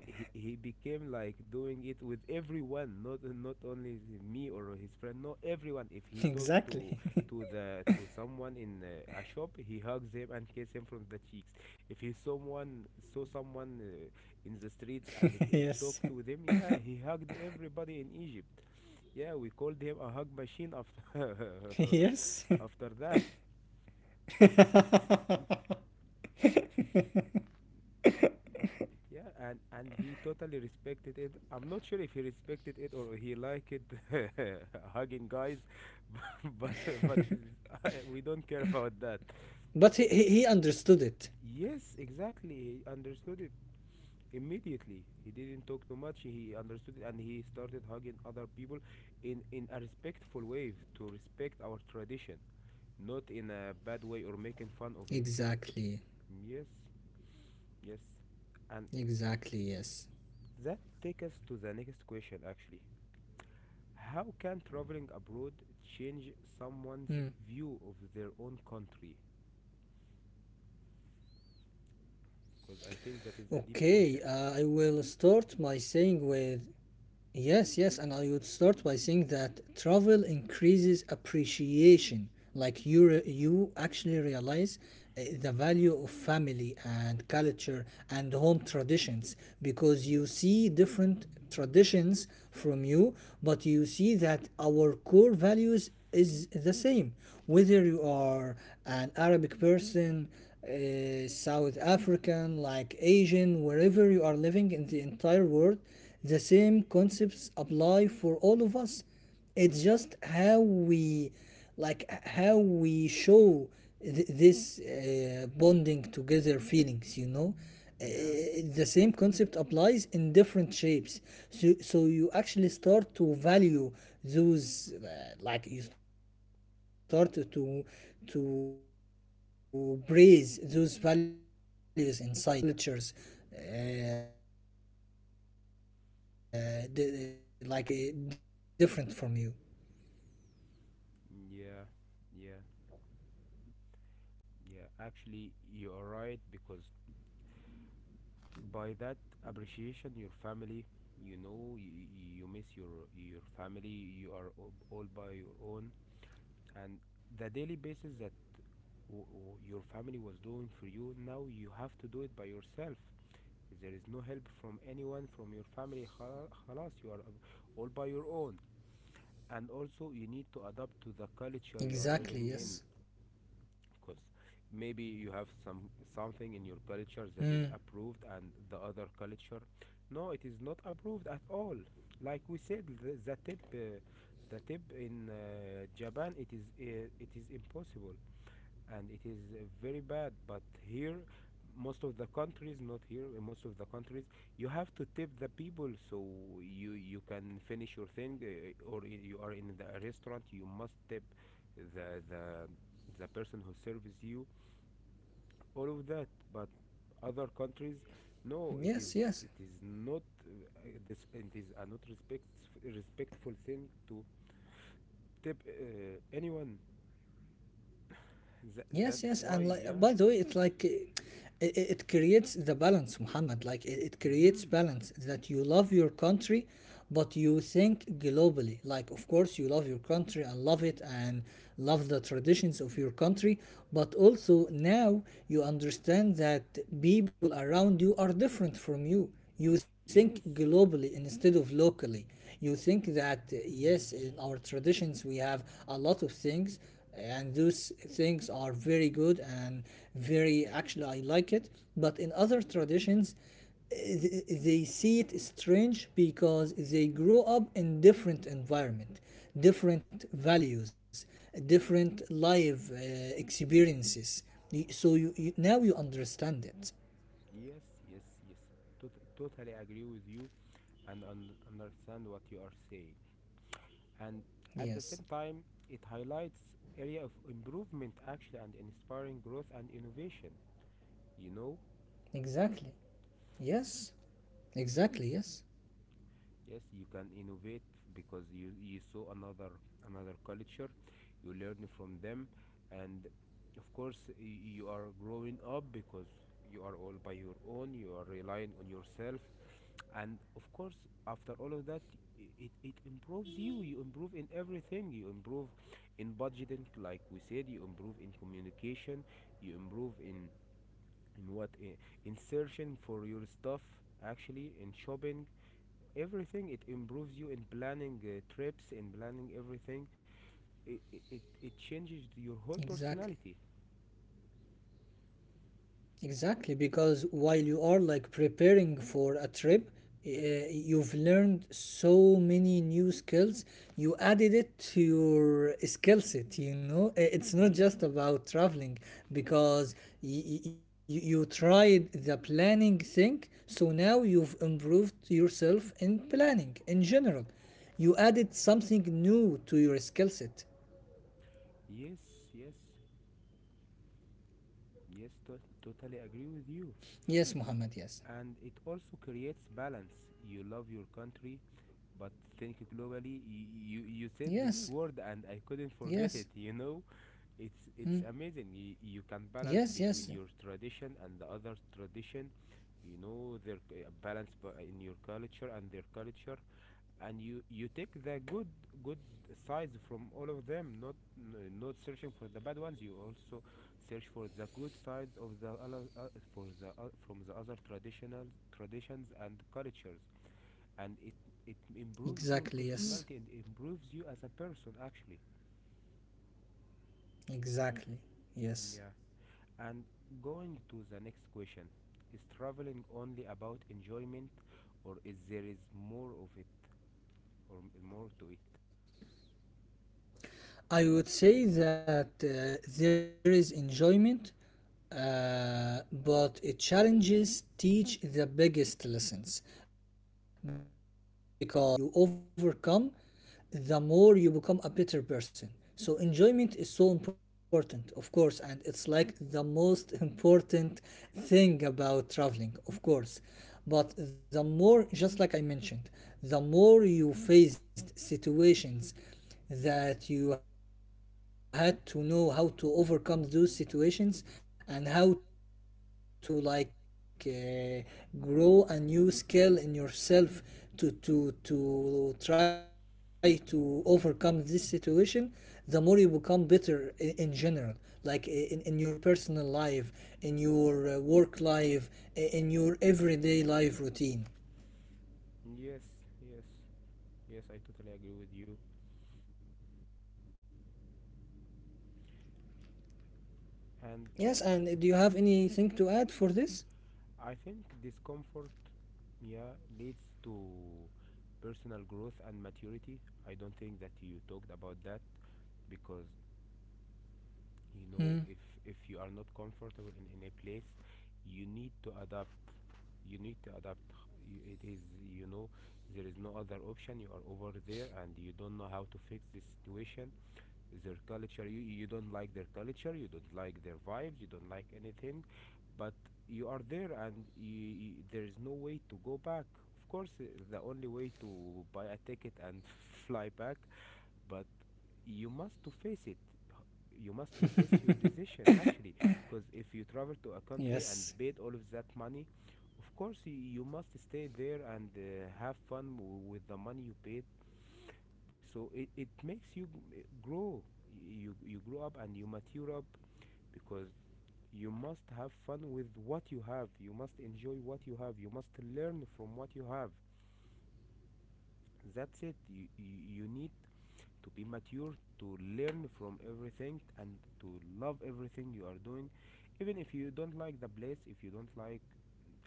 S1: he became like doing it with everyone, not only me or his friend. No, everyone. If he talks
S2: Exactly.
S1: to
S2: <laughs>
S1: the to someone in a shop, he hugs him and kisses him from the cheeks. If he someone saw someone in the streets and
S2: Yes. <laughs>
S1: talked with him, yeah, he hugged everybody in Egypt. Yeah, we called him a hug machine after <laughs>
S2: Yes.
S1: after that.
S2: <laughs>
S1: Yeah, and he totally respected it. I'm not sure if he respected it or he liked <laughs> hugging guys, <laughs> but his, I, we don't care about that.
S2: But
S1: But
S2: he understood it.
S1: yes, exactly. He understood it immediately. He didn't talk too much. He understood it and he started hugging other people in a respectful way, to respect our tradition, not in a bad way or making fun of it.
S2: Exactly.
S1: Yes, yes. And
S2: Exactly, yes.
S1: that takes us to the next question actually. How can traveling abroad change
S2: Mm.
S1: someone's view of their own country? Because I think that is a
S2: Okay,
S1: deep question.
S2: I will start by saying with yes, yes, and I would start by saying that travel increases appreciation. Like you actually realize the value of family and culture and home traditions, because you
S1: Yes.
S2: see different traditions from you, but you see that our core values is the same, whether you are an Arabic person, South African, like Asian, wherever you are living in the entire world, the same concepts apply for all of us. It's just how we, like how we show this bonding together feelings, you know.
S1: Yeah.
S2: The same concept applies in different shapes. So you actually start to value those you start to to praise those values inside you, because you see it in so many different cultures different from you.
S1: Yeah, yeah, yeah. Actually, you are right, because by that appreciation, your family, you know, you miss your family. You are all by your own, and the daily basis your family was doing for you, now you have to do it by yourself. There is no help from anyone from your family. خلا- خلاص you are all by your own. And also you need to
S2: Exactly,
S1: adapt to
S2: yes.
S1: the culture you are living in, because
S2: Mm.
S1: maybe you have something in your culture that is approved, and the other culture no, it is not approved at all. Like we said, the tip, the tip in Japan, it is impossible, and it is very bad. But here most of the countries, not here, in most of the countries you have to tip the people. So you can finish your thing, or you are in the restaurant, you must tip the the person who serves you, all of that. But other countries
S2: Yes,
S1: no, it
S2: yes.
S1: is, it is not this, it is a not respectful thing to tip anyone.
S2: Yes, yes,
S1: That's
S2: and
S1: why,
S2: by the
S1: yeah.
S2: way, it creates the balance, Muhammad. Like it
S1: Hmm.
S2: creates balance that you love your country, but you think globally. Like of course you love your country and love it and love the traditions of your country, but also now you understand that people around you are different from you. You think
S1: Yes,
S2: globally instead of locally. You think that yes, in our traditions we have a lot of things and those things are very good and very actually I like it, but in other traditions they see it strange because they grow up in different environment, different values, different life experiences. So you now you understand it.
S1: yes. Totally agree with you and understand what you are saying. And at the same
S2: Yes,
S1: time, it highlights area of improvement actually and inspiring growth and innovation. You know,
S2: exactly. Yes, exactly. Yes,
S1: yes, you can innovate because you saw another another culture, you learn from them. And of course you are growing up because you are all by your own, you are relying on yourself. And of course after all of that, it, it improves you. You improve in everything. You improve in budgeting, like we said. You improve in communication. You improve in in what i- in searching for your stuff, actually in shopping, everything. It improves you in planning trips, in planning everything. It, it it changes your whole
S2: exactly.
S1: personality.
S2: Exactly, because while you are like preparing for a trip, uh, you've learned so many new skills. You added it to your skill set, It's not just
S1: Yeah.
S2: about traveling, because you tried the planning thing, so now you've improved yourself in planning in general. You added something new to your skill set.
S1: Yes, yes yes totally agree with you.
S2: Yes, Muhammad,
S1: And it
S2: yes.
S1: also creates balance. You love your country, but think globally. You you said this word, and I
S2: Yes,
S1: couldn't forget it. You know,
S2: yes.
S1: it's amazing. You,
S2: Mm.
S1: you can balance between your
S2: Yes,
S1: tradition
S2: yes.
S1: and the other tradition. You know balance in your culture and their culture, and you take the good sides from all of them, not not searching for the bad ones. You also search for the good sides of the other for the from the other traditional traditions and cultures, and it improves your personality and improves you as
S2: Exactly,
S1: a
S2: yes.
S1: person actually.
S2: Exactly.
S1: Yeah. And
S2: Yes.
S1: going to the next question, is traveling only about enjoyment, or is there is more of it, or more to it?
S2: I would say that there is enjoyment, but it challenges teach the biggest lessons, because the more challenges you face and the more challenges you overcome, the more you become a better person. So enjoyment is so important, of course, and it's like the most important thing about traveling, of course. But the more, just like I mentioned, the more you faced situations that you had to know how to overcome those situations, and how to grow a new skill in yourself to try to overcome this situation, the more you become better in general, like in your personal life, in your work life, in your everyday life routine.
S1: Yes. Yes. Yes, I totally agree with you. And
S2: Yes, and do you have anything to add for this?
S1: I think discomfort, yeah, leads to personal growth and maturity. I don't think that you talked about that, because you know,
S2: Hmm.
S1: if you are not comfortable in a place, you need to adapt. You need to adapt. It is, you know, there is no other option. You are over there and you don't know how to fix this situation. Their culture, you don't like their culture, you don't like their vibes, you don't like anything, but you are there and there is no way to go back. Of course, the only way to buy a ticket and <laughs> fly back, but you must to face it.
S2: <laughs>
S1: You must to face your decision actually, because if you
S2: Yes,
S1: travel to a country and paid all of that money, of course, you must stay there and have fun with the money you paid. So it makes you grow. You grow up and you mature up, because you must have fun with what you have, you must enjoy what you have, you must learn from what you have. That's it, you need
S2: yes, Muhammad,
S1: to be
S2: yes, yes.
S1: mature, to learn from everything and to love everything you are doing, even if you don't like the place, if you don't like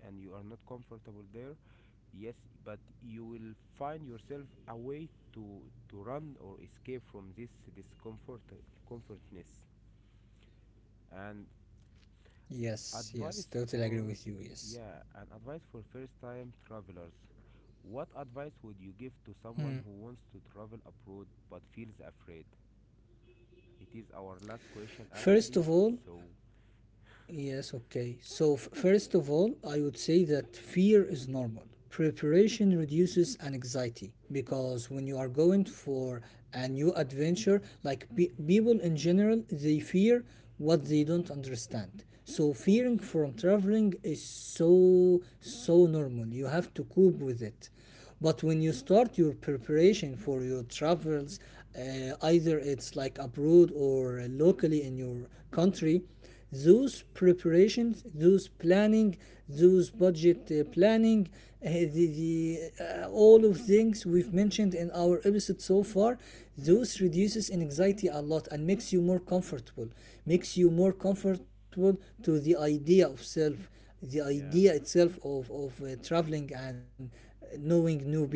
S1: and you are not comfortable there, yes, but you will find yourself a way to run or escape from this discomfort comfortness. And
S2: Yes, yes, totally agree
S1: advice
S2: with you.
S1: for,
S2: Yes.
S1: yeah, and advice for first time travelers, what advice would you give
S2: Hmm.
S1: to someone who wants to travel abroad but feels afraid? It is our last question
S2: First of
S1: actually,
S2: all,
S1: so
S2: yes, okay. So, first of all, I would say that fear is normal. Preparation
S1: mhm.
S2: reduces anxiety, because when you are going for a new adventure, like people in general, they fear what they don't understand. So,
S1: Of
S2: fearing
S1: course.
S2: from traveling is so, so normal. You have to cope with it. But when you start your preparation for your travels, either it's like abroad or locally in your country, those preparations, those planning, those budget planning, uh, the, the all of things we've mentioned in our episode so far, those reduces anxiety a lot and makes you more comfortable, makes you more comfortable to the idea of self, the
S1: Yeah.
S2: idea itself of traveling and knowing new people.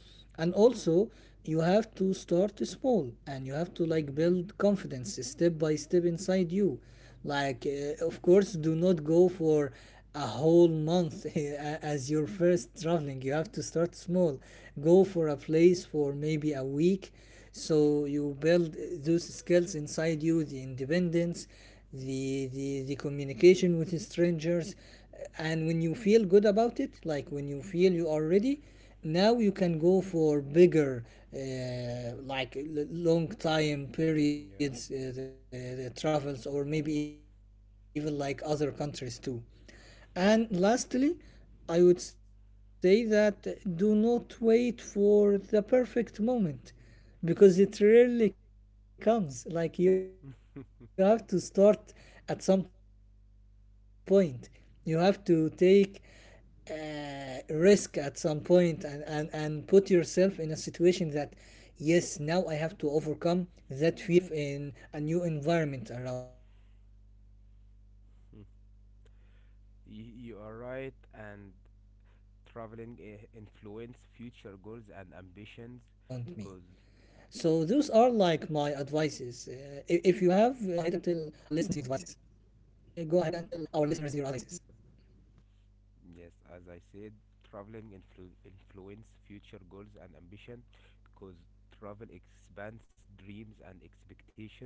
S2: And also, you have to start small, and you have to like
S1: Mm-hmm.
S2: build confidence step by step inside you. Of course, do not go for a whole month <laughs> as your first traveling. You have to start small, go for a place for maybe a week, so you build those skills inside you, the independence, the communication with strangers. And when you feel good about it, like when you feel you are ready, now you can go for bigger, long time periods, the travels, or maybe even like other countries too. And lastly, I would say that do not wait for the perfect moment because it rarely comes.
S1: Yeah.
S2: Like you have to start at some point. You have to take uh, risk at some point, and put yourself in a situation that, yes, now I have to overcome that fear inside me.
S1: <laughs>
S2: I have to go for a
S1: You are
S2: place
S1: right, and
S2: and challenge
S1: traveling
S2: myself in
S1: influence
S2: a
S1: future
S2: new
S1: goals and
S2: environment
S1: ambitions
S2: around me.
S1: because,
S2: So those are like my advices. If you have, go ahead and tell our listeners your advices.
S1: yes, as I said, traveling influence future goals and ambition, because travel expands dreams and expectations,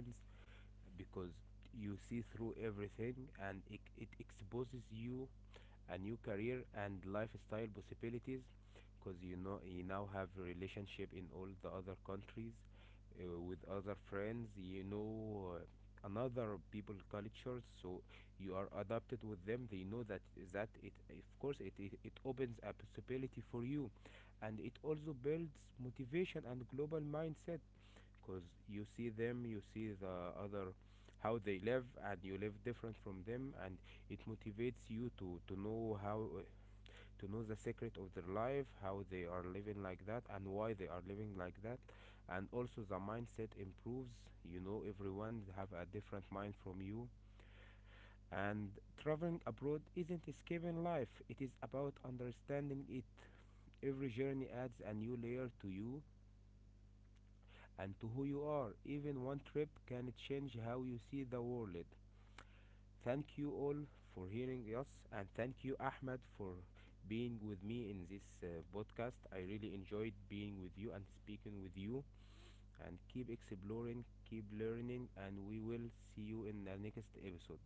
S1: because you see through everything and it exposes you a new career and lifestyle possibilities, because you know, you now have relationship in all the other countries, with other friends, you know, another people cultures, so you are adapted with them, they know that, that it of course it it opens a possibility for you. And it also builds motivation and global mindset, because you see them, you see the other, how they live and you live different from them, and it motivates you to know how, to know the secret of their life, how they are living like that and why they are living like that. And also the mindset improves, you know, everyone have a different mind from you. And traveling abroad isn't escaping life, it is about understanding it. Every journey adds a new layer to you and to who you are. Even one trip can change how you see the world. Thank you all for hearing us, and thank you, Ahmed, for being with me in this podcast. I really enjoyed being with you and speaking with you. And keep exploring, keep learning, and we will see you in the next episode.